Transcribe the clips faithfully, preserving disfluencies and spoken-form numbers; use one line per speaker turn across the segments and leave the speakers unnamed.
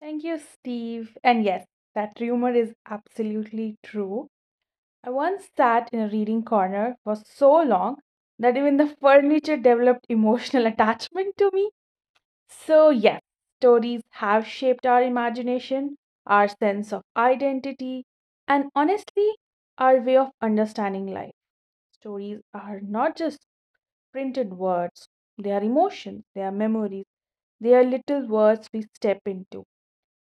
Thank you, Steve. And yes, that rumor is absolutely true. I once sat in a reading corner for so long that even the furniture developed emotional attachment to me. So, yes, stories have shaped our imagination, our sense of identity, and honestly, our way of understanding life. Stories are not just printed words, they are emotions, they are memories, they are little words we step into.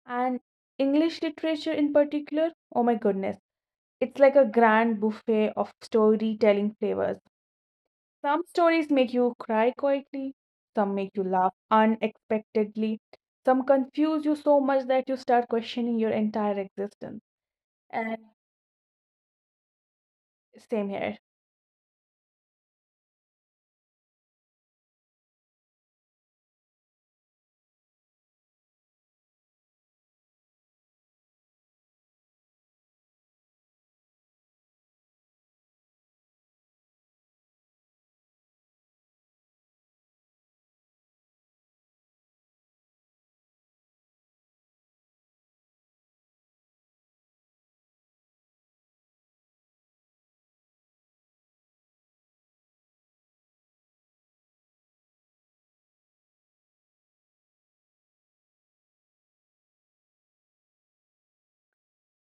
And English literature in particular, oh my goodness, it's like a grand buffet of storytelling flavors. Some stories make you cry quietly, some make you laugh unexpectedly, some confuse you so much that you start questioning your entire existence. And same here.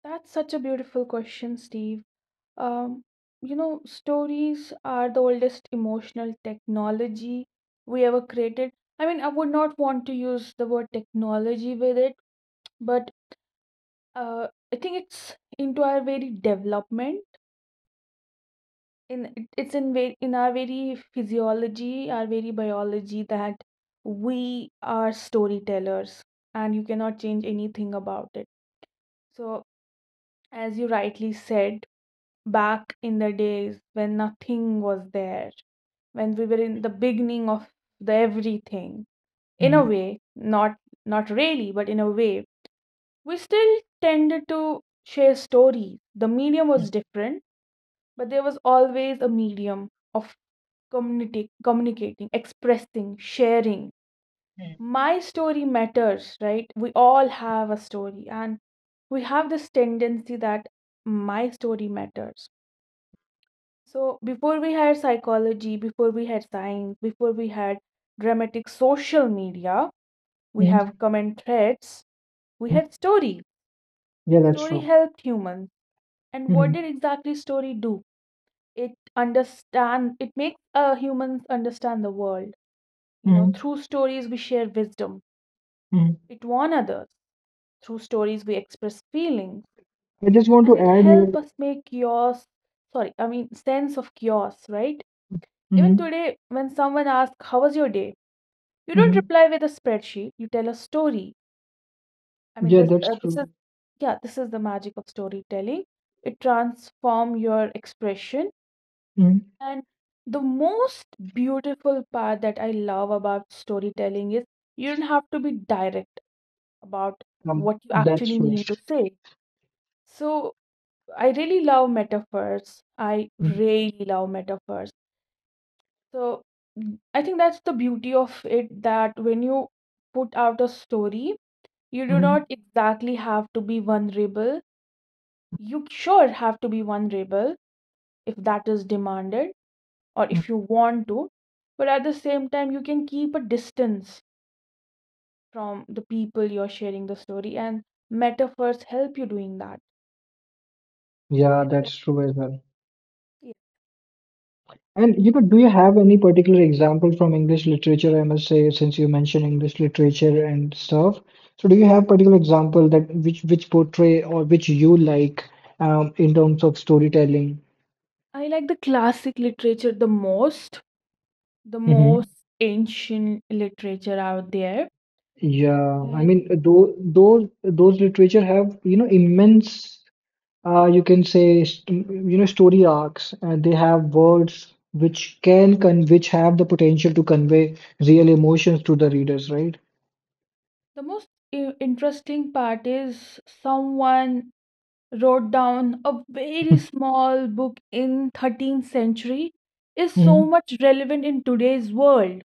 That's such a beautiful question, Steve. Um, you know, Stories are the oldest emotional technology we ever created. I mean, I would not want to use the word technology with it, but uh, I think it's into our very development. In it- it's in very in our very physiology, our very biology that we are storytellers, and you cannot change anything about it. So, as you rightly said, back in the days when nothing was there, when we were in the beginning of the everything. In a
Mhm.
way, not not really, but in a way, we still tended to share stories. The medium
Mhm.
was different, but there was always a medium of communica- communicating, expressing, sharing.
Mhm.
My story matters, right? We all have a story, and we have this tendency that my story matters. So before we had psychology, before we had science, before we had dramatic social media, we have
Mhm.
common threads, we
Mhm.
had story.
Yeah, that's
Story
true.
helped humans. And what
Mhm.
did exactly story do? It understand it makes uh, humans understand the world. You know,
Mhm.
through stories we share wisdom.
Mhm.
It warn others. Through stories we express feelings.
I just want to
And it
add here.
help us make chaos, sorry, I mean sense of chaos, right? Even
Mhm.
today when someone asks, "How was your day?" you don't
Mhm.
reply with a spreadsheet. You tell a story. I mean,
Yeah,
this
that's
uh, this is
true.
yeah, this is the magic of storytelling. It transform your expression,
Mhm.
and the most beautiful part that I love about storytelling is you don't have to be direct about
Um,
what you
that's
actually
true.
mean to say. So I really love metaphors. I
Mhm.
really love metaphors. So I think that's the beauty of it, that when you put out a story, you do
Mhm.
not exactly have to be vulnerable. You sure have to be vulnerable if that is demanded or
Mhm.
if you want to, but at the same time, you can keep a distance from the people you're sharing the story, and metaphors help you doing that.
Yeah,
Yeah.
that's true as well.
Yeah.
And you know, do you have any particular example from English literature? I must say, since you mentioned English literature and stuff, so do you have particular example that which which portray or which you like um, in terms of storytelling?
I like the classic literature the most, the most ancient literature out there.
Yeah, I mean,
And
those those those literature have, you know, immense, uh, you can say, st you know, story arcs, and they have words which can con which have the potential to convey real emotions to the readers, right?
the most i- interesting part is, someone wrote down a very small book in thirteenth century is so
hmm
much relevant in today's world,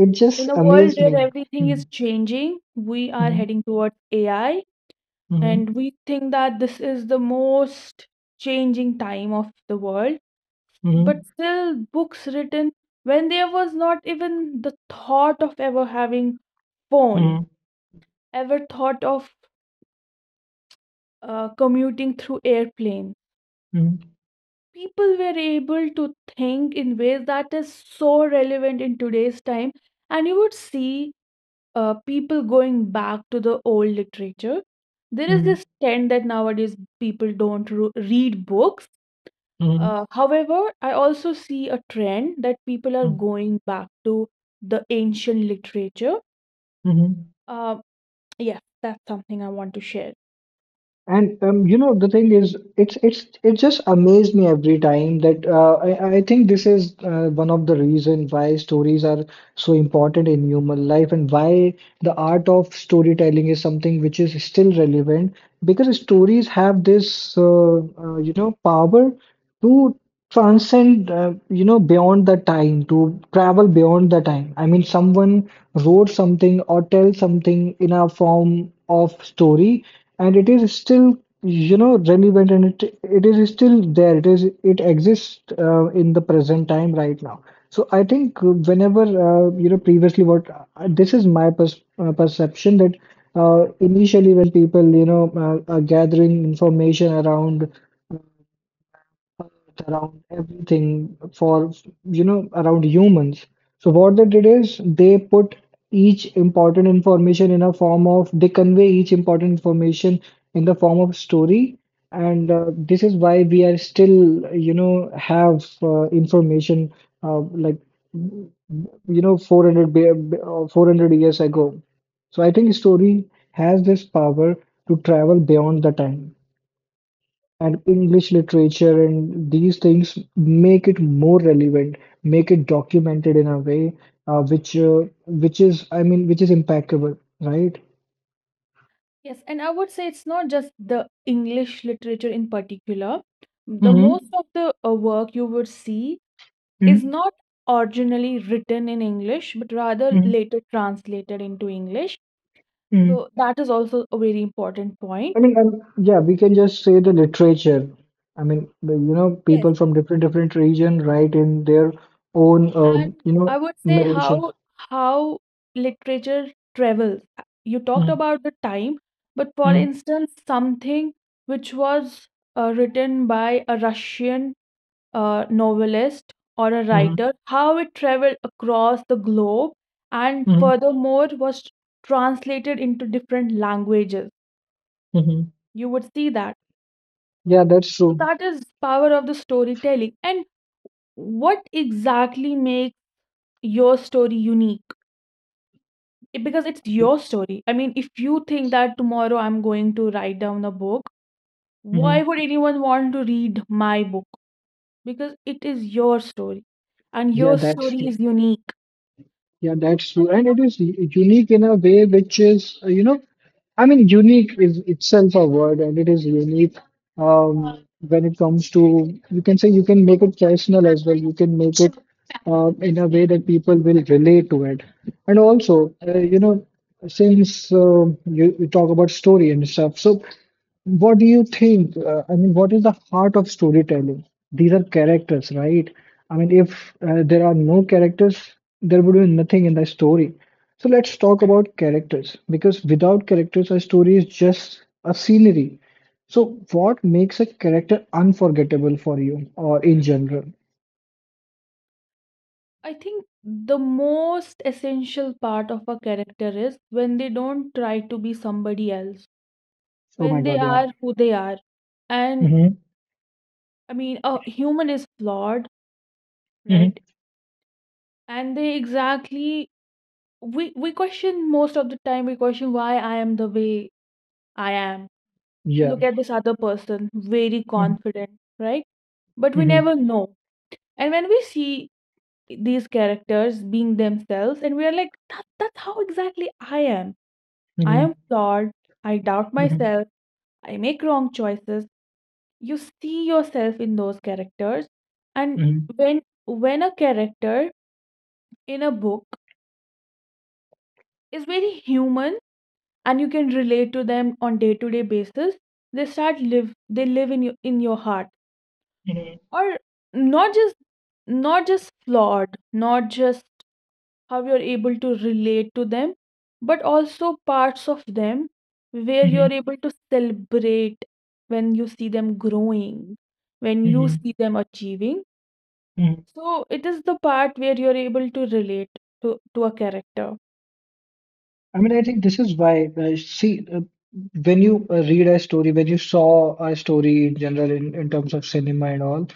It just
in a world
amazed me.
where everything
Mm-hmm.
is changing. We are heading towards AI,
Mm-hmm.
and we think that this is the most changing time of the world,
Mm-hmm.
but still, books written when there was not even the thought of ever having phone,
Mm-hmm.
ever thought of uh, commuting through airplane, people were able to think in ways that is so relevant in today's time. And you would see uh, people going back to the old literature. There is
Mm-hmm.
this trend that nowadays people don't ro- read books.
Mm-hmm.
uh, however, I also see a trend that people are going back to the ancient literature.
Mm-hmm.
uh, yeah, that's something I want to share.
And um, you know, the thing is, it's it's it just amazed me every time that uh, I I think this is uh, one of the reason why stories are so important in human life and why the art of storytelling is something which is still relevant, because stories have this uh, uh, you know power to transcend, uh, you know, beyond the time, to travel beyond the time. I mean, someone wrote something or tell something in a form of story, and it is still, you know, relevant, and it it is still there. It is it exists uh, in the present time right now. So I think, whenever, uh, you know previously, what, uh, this is my pers uh, perception that, uh, initially when people, you know uh, are gathering information around uh, around everything, for you know around humans, so what they did is, they put each important information in a form of, they convey each important information in the form of story. And uh, this is why we are still you know have uh, information, uh, like you know four hundred be- be- uh, four hundred years ago. So I think story has this power to travel beyond the time, and English literature and these things make it more relevant, make it documented in a way uh, which uh, which is, I mean, which is impeccable, right?
Yes, and I would say it's not just the English literature in particular. The
Mm-hmm.
most of the uh, work you would see is
Mm-hmm.
not originally written in English, but rather later translated into English.
Mm-hmm.
So that is also a very important point.
I mean, um, yeah, we can just say the literature. I mean, the, you know,
Yes.
people from different different region write in their own,
And
um, you
I
know,
would say
narrations.
how how literature travels. You talked about the time, but for
Mm-hmm.
instance, something which was uh, written by a Russian, a novelist or a
Mm-hmm.
writer, how it traveled across the globe and furthermore was translated into different languages.
Mm-hmm.
You would see that.
Yeah, that's
So
true.
that is power of the storytelling. And what exactly makes your story unique? It- Because it's
I mean,
your story. I mean, if you think that tomorrow I'm going to write down a book, why
mm-hmm.
would anyone want to read my book? Because it is your story, and
Yeah,
your
that's
story
true.
is unique.
Yeah, that's true. And it is u- unique in a way which is, uh, you know, I mean, unique is itself a word, and it is unique um, when it comes to, you can say, you can make it personal as well. You can make it uh, in a way that people will relate to it. And also, uh, you know, since um you, you talk about story and stuff, so what do you think? Uh, I mean, what is the heart of storytelling? These are characters, right? I mean, if uh, there are no characters, there would be nothing in the story. So let's talk about characters, because without characters, a story is just a scenery. So, what makes a character unforgettable for you or in general?
I think the most essential part of a character is when they don't try to be somebody else,
Oh my
when they
God, yeah.
are who they are. And
Hmm.
I mean, a human is flawed, right?
Hmm.
And they exactly, we, we question most of the time, we question why I am the way I am.
Yeah.
Look at this other person, very
Hmm.
confident, right? But we
Hmm.
never know. And when we see these characters being themselves, and we are like, that, that's how exactly I am. I
Hmm.
am flawed, I doubt
Hmm.
myself, I make wrong choices. You see yourself in those characters, and
Hmm.
when when a character in a book is very human and you can relate to them on day-to-day basis, they start live they live in your in your heart. Or not just not just flawed, not just how you're able to relate to them, but also parts of them where
Hmm.
you're able to celebrate when you see them growing, when you
Hmm.
see them achieving.
Hmm.
So it is the part where you're able to relate to, to a character.
I mean, I think this is why, uh, see, uh, when you uh, read a story, when you saw a story in general in, in terms of cinema and all,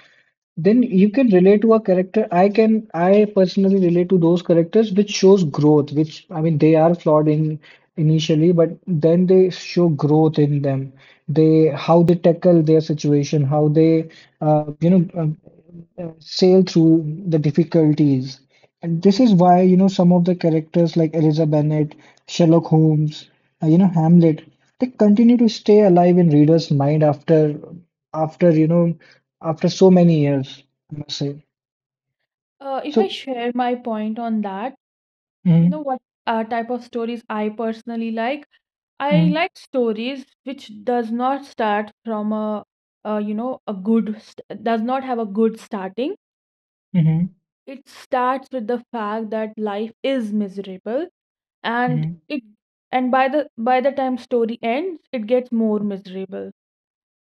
then you can relate to a character. I can, I personally relate to those characters which shows growth, which, I mean, they are flawed in initially, but then they show growth in them. They, how they tackle their situation, how they, uh, you know, um, uh, sail through the difficulties. And this is why, you know, some of the characters like Eliza Bennet, Sherlock Holmes, uh, you know, Hamlet, they continue to stay alive in readers' mind after, after, you know, after so many years, I must say.
Uh, if I
So,
share my point on that, you know
mm,
what uh, type of stories I personally like? I
mm,
like stories which does not start from a uh, you know a good st- does not have a good starting.
mm,
It starts with the fact that life is miserable, and
mm,
it and by the by the time story ends, it gets more miserable.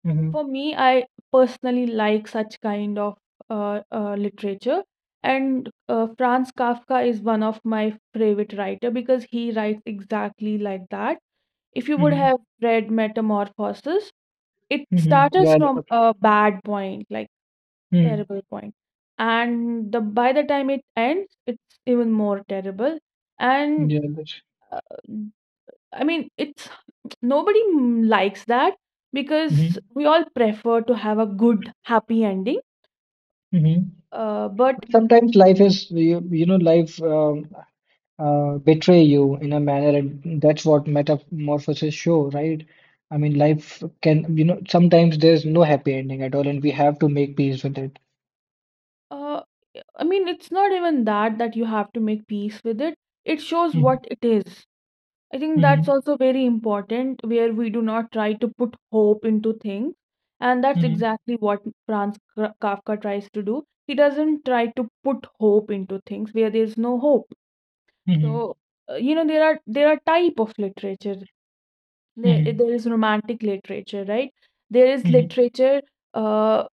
mm,
For me, I personally like such kind of uh, uh, literature, and uh, Franz Kafka is one of my favorite writer because he writes exactly like that. If you would
mm,
have read Metamorphoses, it
mm,
starts
yeah,
from
uh,
a bad point, like
mm,
terrible point. And the by the time it ends, it's even more terrible. And
yeah, that's,
uh, I mean, it's nobody m- likes that because
mm,
we all prefer to have a good, happy ending.
mm.
Uh, but
But sometimes life is, you, you know, life um, uh, betray you in a manner, and that's what metamorphoses show, right? I mean, life can, you know, sometimes there's no happy ending at all, and we have to make peace with it.
uh, I mean, it's not even that that you have to make peace with it. It shows
Mhm,
what it is. I think that's
mhm,
also very important, where we do not try to put hope into things. And that's
mhm,
exactly what Franz K- Kafka tries to do. He doesn't try to put hope into things where there's no hope.
mhm,
So, uh, you know, there are there are type of literature. There,
mhm,
there is romantic literature, right? There is
mhm,
literature uh,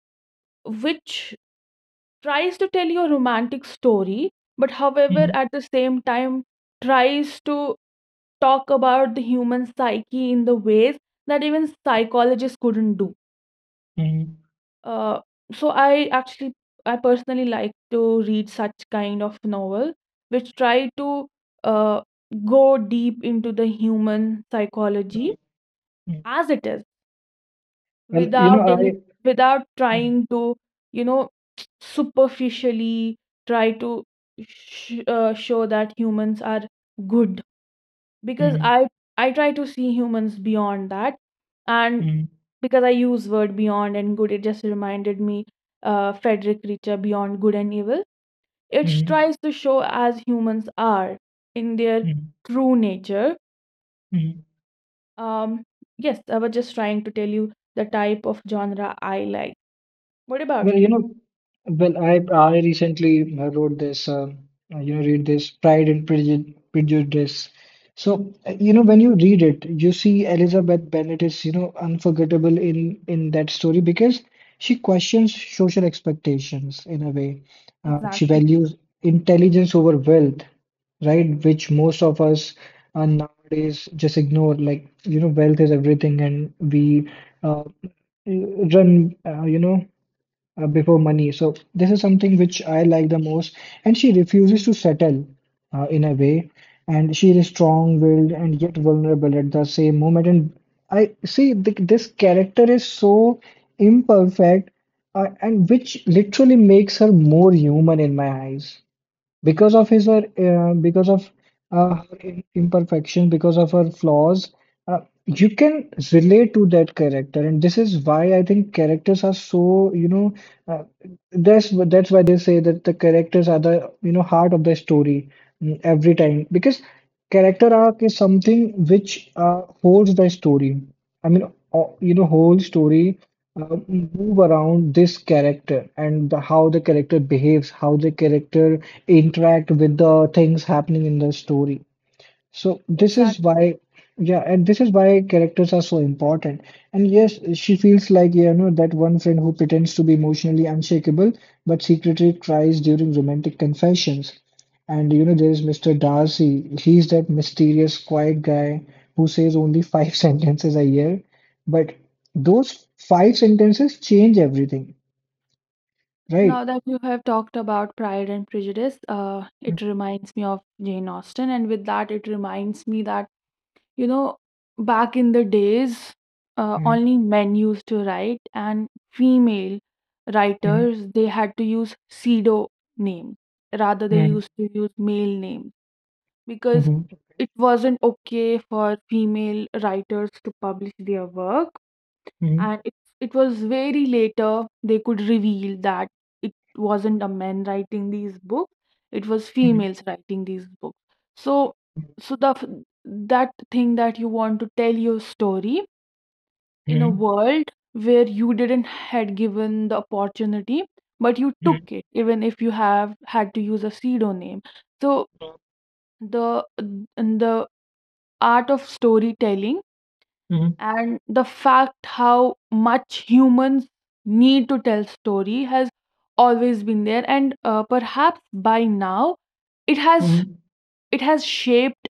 which tries to tell you a romantic story, but however,
mhm,
at the same time, tries to talk about the human psyche in the ways that even psychologists couldn't do.
mhm,
Uh, so I actually, I personally like to read such kind of novel which try to uh, go deep into the human psychology
mhm, mhm.
as it is,
Well, you know,
without any
I.
without
Mhm,
trying to, you know superficially try to sh- uh, show that humans are good, because
mhm,
i i try to see humans beyond that. And
mhm,
because I use word beyond and good, it just reminded me uh Frederick Richer, Beyond Good and Evil. It
mhm,
tries to show as humans are in their
mhm,
true nature.
mhm.
um yes, I was just trying to tell you the type of genre I like. What about
Well, you
you?
know, well, I I recently uh, wrote this, um, uh, you know, read this Pride and Preju- Prejudice. So, uh, you know, when you read it, you see Elizabeth Bennet is, you know, unforgettable in in that story, because she questions social expectations in a way. Uh, she
Exactly,
values intelligence over wealth, right? Which most of us uh, nowadays just ignore. Like, you know, wealth is everything, and we uh, run, uh, you know uh, before money. So this is something which I like the most. And she refuses to settle uh, in a way. And she is strong-willed and yet vulnerable at the same moment. And I see th this character is so imperfect, uh, and which literally makes her more human in my eyes, because of his, or uh, because of uh, her im- imperfection, because of her flaws. uh, you can relate to that character, and this is why, I think, characters are so, you know uh, that's wh- that's why they say that the characters are the you know heart of the story, mm, every time, because character arc is something which uh, holds the story. I mean, o- you know whole story uh, move around this character, and the, how the character behaves, how the character interact with the things happening in the story. So this is
exactly.
why, yeah, and this is why characters are so important. And yes, she feels like, you know, that one friend who pretends to be emotionally unshakable, but secretly cries during romantic confessions. And you know, there is mister Darcy. He's that mysterious, quiet guy who says only five sentences a year, but those five sentences change everything, right?
Now that you have talked about Pride and Prejudice, uh, it reminds me of Jane Austen, and with that, it reminds me that, you know, back in the days, uh,
Mhm,
only men used to write, and female
mhm,
writers, they had to use pseudo names. Rather, they
mhm,
used to use male names because
mhm,
it wasn't okay for female writers to publish their work,
mhm,
and it, it was very later they could reveal that it wasn't a man writing these books, it was
mhm,
females writing these books. so
mhm,
so the f- that thing, that you want to tell your story in a
mhm,
world where you didn't had given the opportunity, but you took
mhm,
it, even if you have had to use a pseudonym. So the the art of storytelling,
mhm, mhm.
and the fact how much humans need to tell story, has always been there. And uh, perhaps by now it has
Mhm.
it has shaped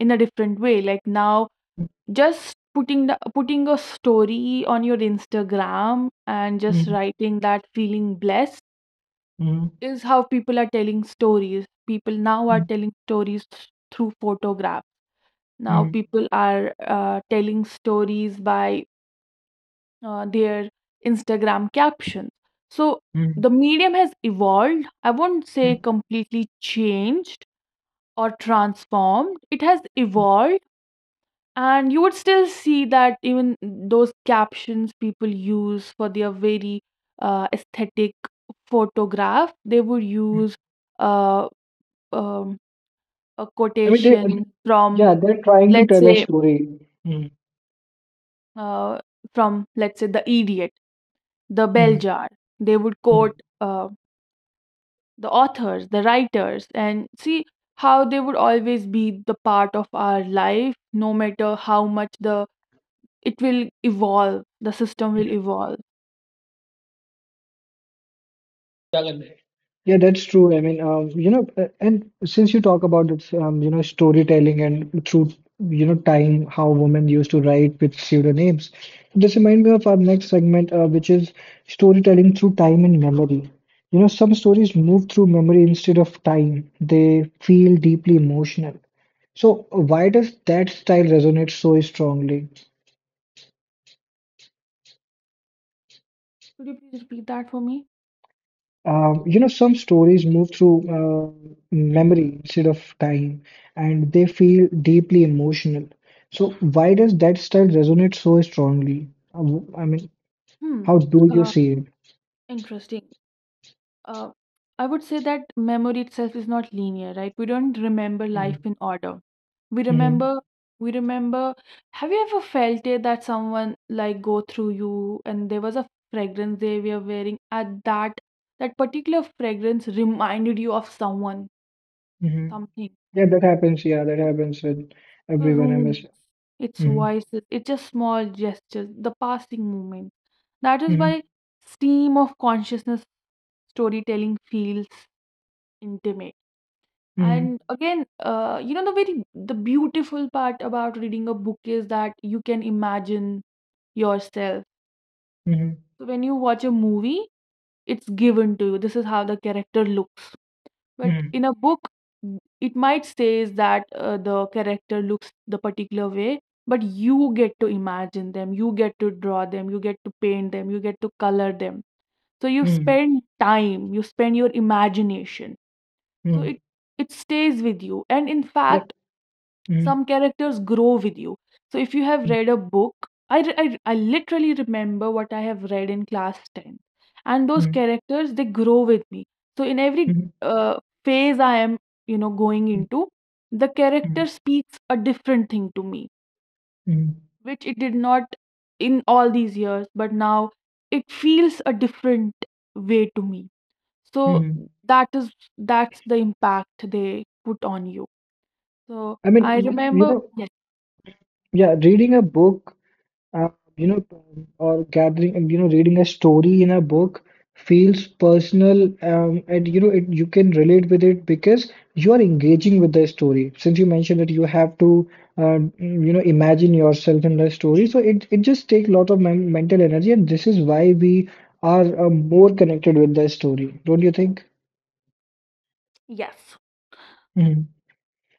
in a different way. Like now,
Mm,
just putting the putting a story on your Instagram and just
mm,
writing that feeling blessed
mm,
is how people are telling stories. People now are
mm,
telling stories th- through photographs. Now
mm,
people are uh, telling stories by uh, their Instagram captions. So
mm,
the medium has evolved. I won't
mm,
say completely changed or transformed. It has evolved, and you would still see that even those captions people use for their very uh, aesthetic photograph, they would
mm.
use uh, um, a
I mean, they, uh,
quotation from,
yeah, they're trying to
let's
tell a
say,
story. Mm,
uh, from let's say the Idiot, the Bell
mm,
Jar. They would
mm,
quote Uh, the authors, the writers, and see how they would always be the part of our life, no matter how much the it will evolve, the system will evolve.
yeah,
Yes.
that's true. I mean, um, you know, uh, and since you talk about this, um, you know, storytelling and through, you know, time, how women used to write with pseudonyms, this reminds me of our next segment, uh, which is storytelling through time and memory. You know, some stories move through memory instead of time. They feel deeply emotional. So, why does that style resonate so strongly?
Could you please repeat that for me?
Um, you know, some stories move through uh, memory instead of time, and they feel deeply emotional. So, why does that style resonate so strongly? Uh, w- I mean,
Hmm.
how do you
Uh,
see it?
interesting. Uh, I would say that memory itself is not linear, right? We don't remember life
Mm-hmm.
in order. We
Mm-hmm.
remember, we remember. Have you ever felt it that someone like go through you and there was a fragrance they were wearing at that that particular fragrance reminded you of someone,
Mm-hmm.
something,
Yeah, that happens. Yeah, that happens with
the
everyone. I miss.
room, its
Mm-hmm.
voices, it's just small gestures, the passing moment. That is why stream of consciousness storytelling feels intimate.
Mm-hmm.
And again, uh, you know, the very the beautiful part about reading a book is that you can imagine yourself.
Mm-hmm.
So when you watch a movie, it's given to you. This is how the character looks. But
Mm-hmm.
in a book, n- it might says that uh, the character looks the particular way, but you get to imagine them, you get to draw them, you get to paint them, you get to color them. So you
Mm-hmm. Mm-hmm.
spend time, you spend your imagination. So
hmm
it it stays with you. And in
That.
fact,
Mm-hmm.
some characters grow with you. So if you have read a book, i re- I, I literally remember what I have read in class ten, and those
Mm-hmm.
characters, they grow with me. So in every
Mm-hmm.
uh, phase I am, you know going into the
Mm-hmm.
character, speaks a different thing to me,
Mm-hmm.
which it did not in all these years, but now it feels a different way to me. So
Mm-hmm.
that is, that's the impact they put on you. So
I mean,
I
y- you
remember,
know,
yes,
yeah, reading a book, uh, you know, um, or gathering, um, you know, reading a story in a book feels personal, um, and you know, it, you can relate with it because you are engaging with the story. Since you mentioned that you have to, um, you know, imagine yourself in the story, so it it just takes a lot of men mental energy, and this is why we are uh, more connected with the story, don't you think?
yes,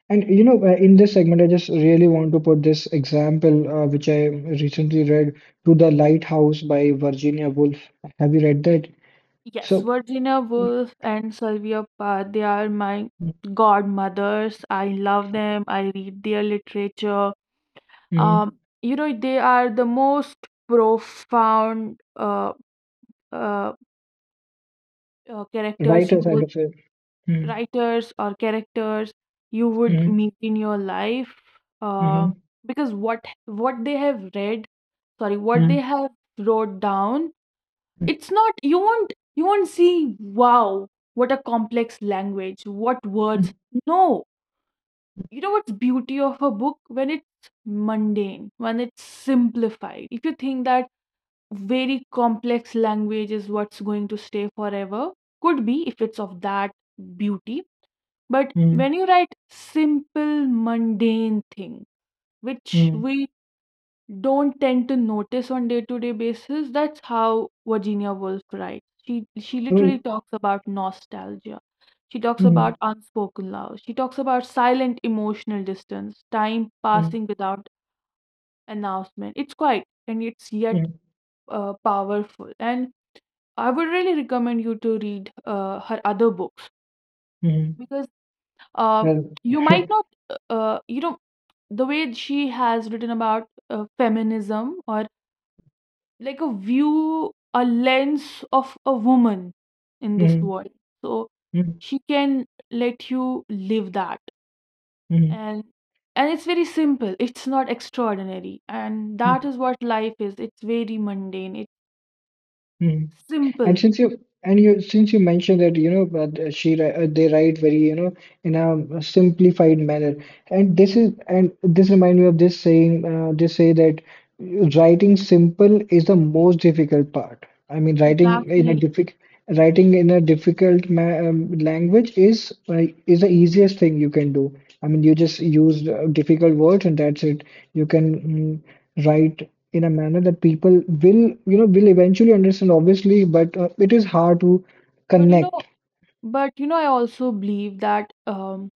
And you know, uh, in this segment, I just really want to put this example, uh, which I recently read, To the Lighthouse by Virginia Woolf. Have you read that?
yes.
So,
Virginia Woolf and Sylvia Plath, they are my godmothers. I love them. I read their literature.
mm
Um, you know, they are the most profound uh, uh, uh, characters you
writers, I
would,
would say. Mm.
writers or characters you would
Mm.
meet in your life. Uh,
Mm.
because what what they have read, sorry, what they
Mm.
have wrote down, it's not, you won't, you won't see wow what a complex language, what words.
Mm.
No, you know what's beauty of a book? When it's mundane, when it's simplified. If you think that very complex language is what's going to stay forever, could be if it's of that beauty. But
Mm.
when you write simple mundane thing
Mm.
which
Mm.
we don't tend to notice on day-to-day basis. That's how Virginia Woolf writes. She she
I
literally
mean,
talks about nostalgia. She talks
mm,
about unspoken love. She talks about silent emotional distance, time
mm,
passing without announcement. It's quiet and it's yet
mm,
uh, powerful. And I would really recommend you to read uh, her other books,
mm,
because uh,
well,
you might not, uh, you know, the way she has written about uh, feminism, or like a view, a lens of a woman in this
mm,
world. So
mm,
she can let you live that.
mm,
And and it's very simple. It's not extraordinary. And that
mm,
is what life is. It's very mundane. It's
mm. And
simple.
since you and you since you mentioned that, you know but uh, she wri- uh, they write very you know in a simplified manner, and this is and this reminds me of this saying, uh, they say that writing simple is the most difficult part. I mean, writing in a
Exactly.
difficult, writing in a difficult ma um, language is uh, is the easiest thing you can do. I mean, you just use uh, difficult words and that's it. You can mm, write in a manner that people will you know will eventually understand, obviously, but uh, it is hard to
But you know,
connect.
but you know, I also believe that, um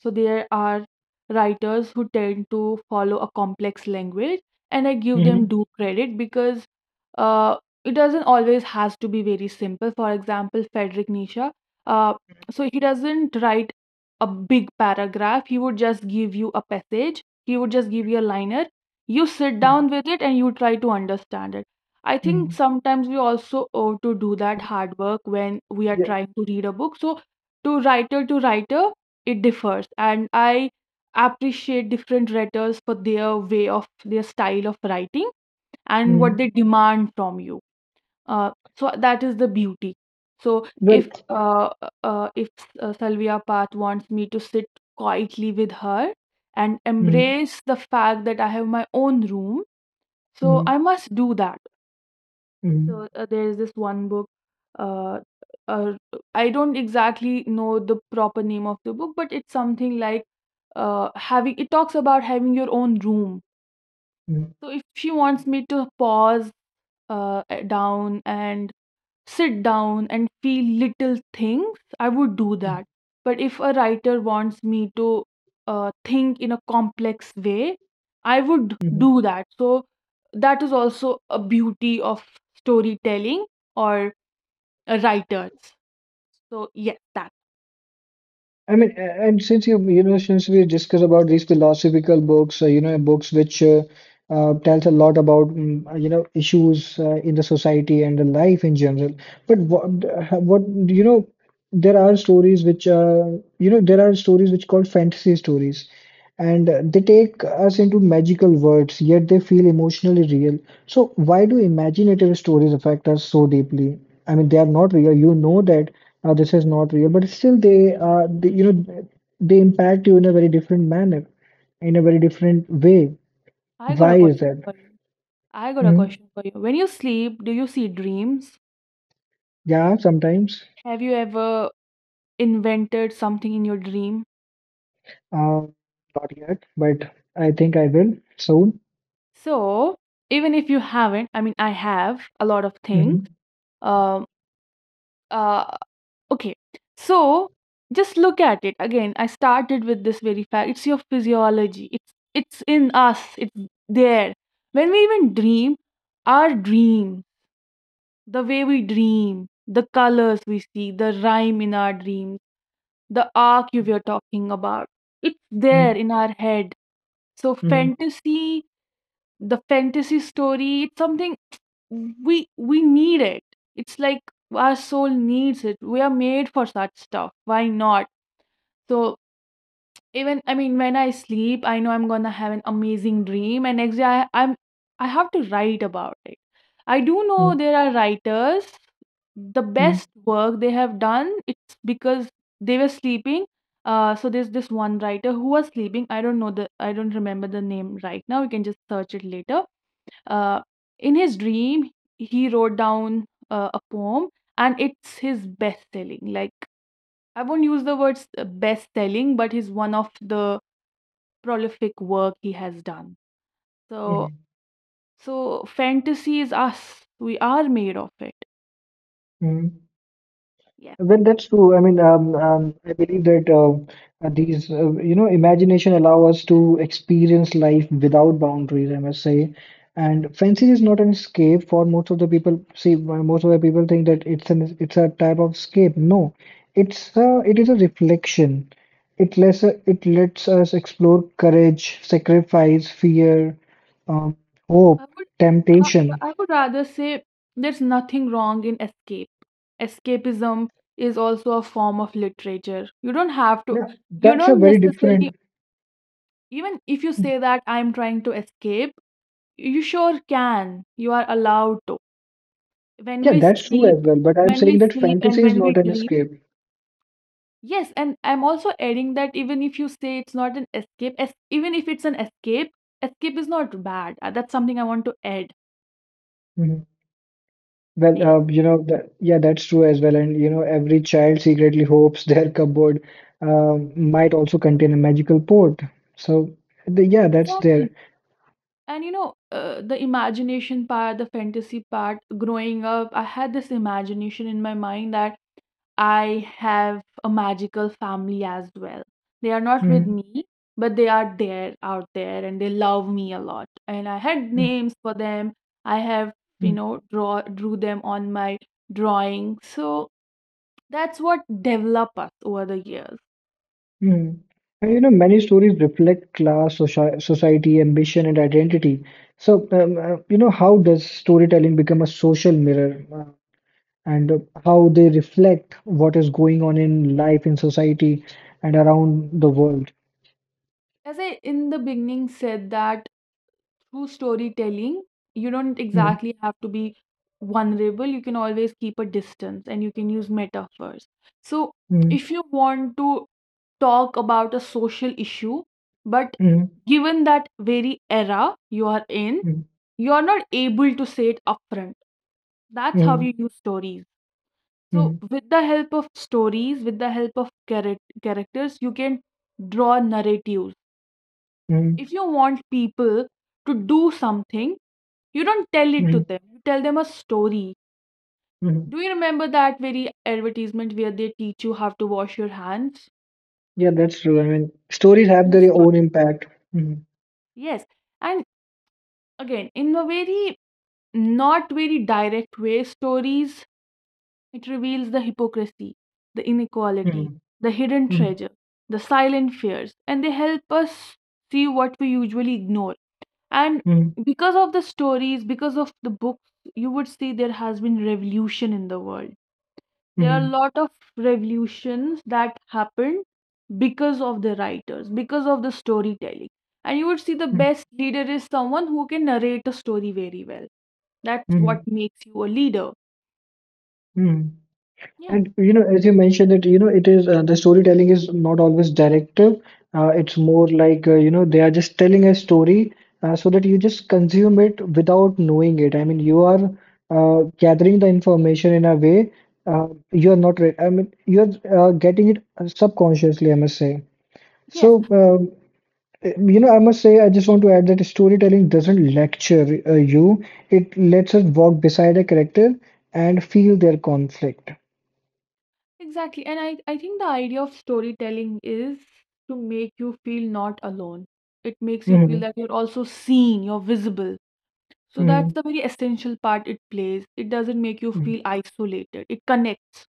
so there are writers who tend to follow a complex language, and I give them
Mm-hmm.
due credit because uh, it doesn't always has to be very simple. For example, Frederick Nietzsche, uh, so he doesn't write a big paragraph. He would just give you a passage. He would just give you a liner. You sit down with it and you try to understand it. I think
Mm-hmm.
sometimes we also owe to do that hard work when we are
Yeah.
trying to read a book. So to writer to writer it differs, and I appreciate different writers for their way of their style of writing and what
Mm-hmm.
they demand from you. Uh, so that is the beauty. So
Well.
if uh, uh, if uh, salvia path wants me to sit quietly with her and
Mm-hmm.
embrace the fact that I have my own room, so
Mm-hmm.
I must do that.
Mm-hmm.
So uh, there is this one book. Uh, uh, I don't exactly know the proper name of the book, but it's something like uh, having. It talks about having your own room. So if she wants me to pause uh, uh, down and sit down and feel little things, I would do that. But if a writer wants me to uh, think in a complex way, I would
Mm-hmm.
do that. So that is also a beauty of storytelling or uh, writers. So yes, that.
I mean, a- and since you you know, since we discussed about these philosophical books, uh, you know, books which uh, uh, tells a lot about mm, you know issues uh, in the society and the life in general. But what uh, what you know there are stories which, uh, you know there are stories which called fantasy stories. And uh, they take us into magical worlds, yet they feel emotionally real. So why do imaginative stories affect us so deeply? I mean, they are not real. You know that uh, this is not real, but still they are, they, you know, they impact you in a very different manner, in a very different way.
I got a
Why is
question
that?
for you. I got a
Mhm.
question for you. When you sleep, do you see dreams?
Yeah, sometimes.
Have you ever invented something in your dream?
Uh, Not yet, but I think I will soon.
So, even if you haven't, I mean, I have a lot of things.
Mm-hmm.
Um, uh, okay. So just look at it again. I started with this very fact. It's your physiology. It's it's in us. It's there. When we even dream, our dream, the way we dream, the colors we see, the rhyme in our dreams, the arc you were talking about, it's there
Mm-hmm.
in our head. So
Mm-hmm.
fantasy the fantasy story, it's something we we need it. It's like our soul needs it. We are made for such stuff, why not? So even, I mean, when I sleep, I know I'm gonna have an amazing dream, and next day I, i'm i have to write about it. I do know
Mm-hmm.
there are writers, the
Mm-hmm.
best work they have done, it's because they were sleeping. Uh so there's this one writer who was sleeping, I don't know the, I don't remember the name right now, you can just search it later. uh, in his dream, he wrote down uh, a poem, and it's his best selling. Like, I won't use the words uh, best selling, but it's one of the prolific work he has done. So, so fantasy is us. We are made of it.
Mm-hmm.
Yeah.
Well, that's true. I mean, um, um, I believe that um, uh, these, uh, you know, imagination allow us to experience life without boundaries, I must say. And fancy is not an escape for most of the people. See, uh, most of the people think that it's an it's a type of escape. No, it's a, it is a reflection. It lets uh, it lets us explore courage, sacrifice, fear, um, hope,
I would, uh,
temptation.
I would rather say there's nothing wrong in escape. Escapism is also a form of literature. You don't have to,
Now,
you
that's a
don't
very
necessarily,
different.
even if you say that I'm trying to escape, you sure can. You are allowed to. When
Yeah,
we
that's true
sleep,
as well. But I'm
when we
saying that
sleep
fantasy
and
is
when we
not an
dream.
escape.
Yes, and I'm also adding that even if you say it's not an escape, es- even if it's an escape, escape is not bad. Uh, That's something I want to add.
Mhm. Well,
Yes,
uh, you know that yeah, that's true as well. And you know, every child secretly hopes their cupboard uh, might also contain a magical port. So the, yeah, that's there.
exactly. And you know, uh, the imagination part, the fantasy part, growing up, I had this imagination in my mind that I have a magical family as well. They are not with
Mhm,
me, but they are there out there and they love me a lot. And I had
mhm,
names for them. I have, you
mhm,
know, draw drew them on my drawing. So that's what develop us over the years.
mhm. And you know, many stories reflect class, soci society, ambition, and identity. So um, uh, you know, how does storytelling become a social mirror? Uh, and uh, How they reflect what is going on in life, in society, and around the world.
As I in the beginning said, that through storytelling, you don't
Mhm,
exactly have to be vulnerable. You can always keep a distance and you can use metaphors. So,
mhm,
if you want to talk about a social issue, but
mhm,
given that very era you are in,
mhm,
you are not able to say it upfront. That's how
mhm,
you use stories. So,
mhm,
with the help of stories, with the help of charac- characters, you can draw narratives.
mhm,
If you want people to do something, you don't tell it to
mhm,
them, you tell them a story.
mhm.
Do you remember that very advertisement where they teach you how to wash your hands?
Yeah, that's true. I mean, stories have
True
their
story.
own impact. Mhm,
Yes. And again, in a very not very direct way, stories, it reveals the hypocrisy, the inequality,
mhm,
the hidden
mhm,
treasure, the silent fears, and they help us see what we usually ignore. And
mhm,
because of the stories, because of the books, you would see there has been revolution in the world. There are a
mhm,
lot of revolutions that happened because of the writers, because of the storytelling. And you would see the
mhm,
best leader is someone who can narrate a story very well. That's what
mhm,
makes you a leader.
mhm.
Yeah,
And you know, as you mentioned that you know, it is uh, the storytelling is not always directive. Uh, it's more like uh, you know, they are just telling a story uh, so that you just consume it without knowing it. I mean, you are uh, gathering the information in a way uh, you are not. Re I mean, you're uh, getting it subconsciously, I must say.
yes,
So, um, you know, I must say, I just want to add that storytelling doesn't lecture uh, you. It lets us walk beside a character and feel their conflict.
exactly. And I, I think the idea of storytelling is to make you feel not alone. It makes you feel
Hmm.
that you're also seen, you're visible. So that's the very essential part it plays. It doesn't make you
Mm,
feel isolated. It connects.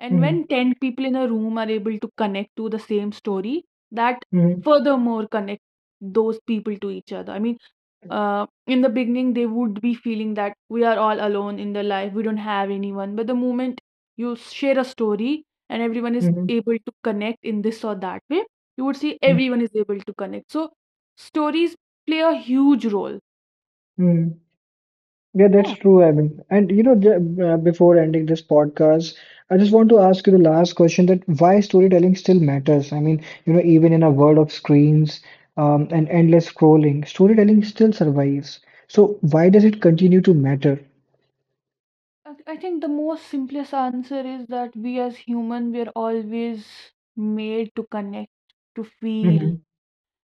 And
mm,
when ten people in a room are able to connect to the same story, that
mm,
furthermore connect those people to each other. I mean, uh, in the beginning, they would be feeling that we are all alone in the life, we don't have anyone. But the moment you share a story and everyone is
mhm,
able to connect in this or that way, you would see
mm,
everyone is able to connect. So, stories play a huge role.
mm. Yeah, that's
Yeah.
true, I mean, and you know, ju- uh, before ending this podcast, I just want to ask you the last question that why storytelling still matters. I mean, you know, even in a world of screens, um, and endless scrolling, storytelling still survives. So why does it continue to matter?
I I think the most simplest answer is that we as human, we are always made to connect, to feel,
Mm-hmm,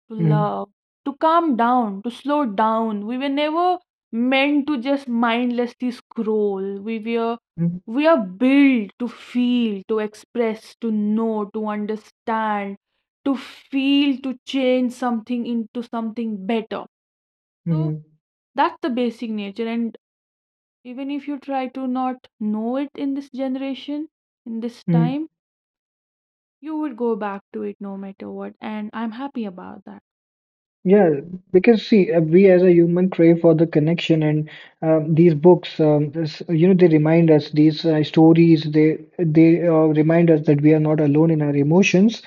to
mm-hmm,
love, to calm down, to slow down. We were never meant to just mindlessly scroll. We were
mm-hmm,
we are built to feel, to express, to know, to understand, to feel, to change something into something better. So
Mm-hmm.
that's the basic nature, and even if you try to not know it in this generation, in this
Mm-hmm.
time, you would go back to it no matter what. And I'm happy about that.
Yeah, because see, uh, we as a human crave for the connection, and um, these books, um, this, you know, they remind us these uh, stories. They they uh, remind us that we are not alone in our emotions,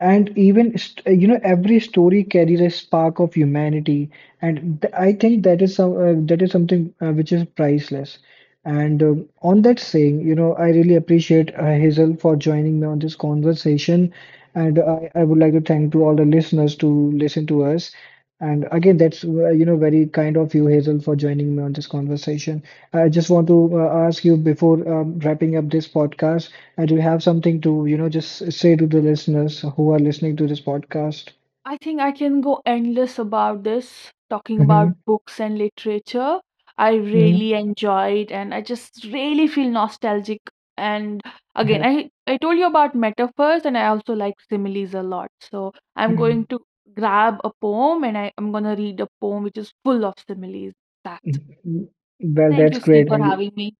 and even st uh, you know, every story carries a spark of humanity, and th I think that is some uh, that is something uh, which is priceless. And um, on that saying, you know, I really appreciate uh, Hazel for joining me on this conversation, and I I would like to thank to all the listeners to listen to us. And again, that's uh, you know very kind of you, Hazel, for joining me on this conversation. I just want to uh, ask you before um, wrapping up this podcast, uh, do you have something to you know just say to the listeners who are listening to this podcast?
I think I can go endless about this, talking
Mm-hmm.
about books and literature. I
Mm-hmm.
really enjoyed, and I just really feel nostalgic. And again,
Yeah.
I, I told you about metaphors, and I also like similes a lot. So I'm
Mhm.
going to grab a poem, and I, I'm going to read a poem which is full of similes. That's it.
Well,
Thank
that's
you, Steve,
great.
for
And
having me.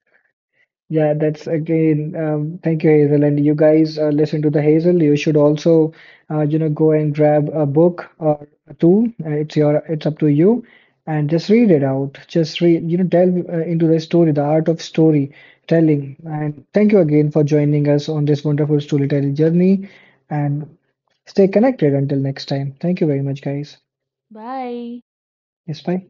yeah, that's again. Um, thank you, Hazel. And you guys uh, listen to the Hazel. You should also, uh, you know, go and grab a book or two. Uh, it's your, it's up to you, and just read it out. Just read, you know, delve uh, into the story, the art of storytelling. And thank you again for joining us on this wonderful storytelling journey. And stay connected until next time. Thank you very much, guys.
Bye.
Yes, bye.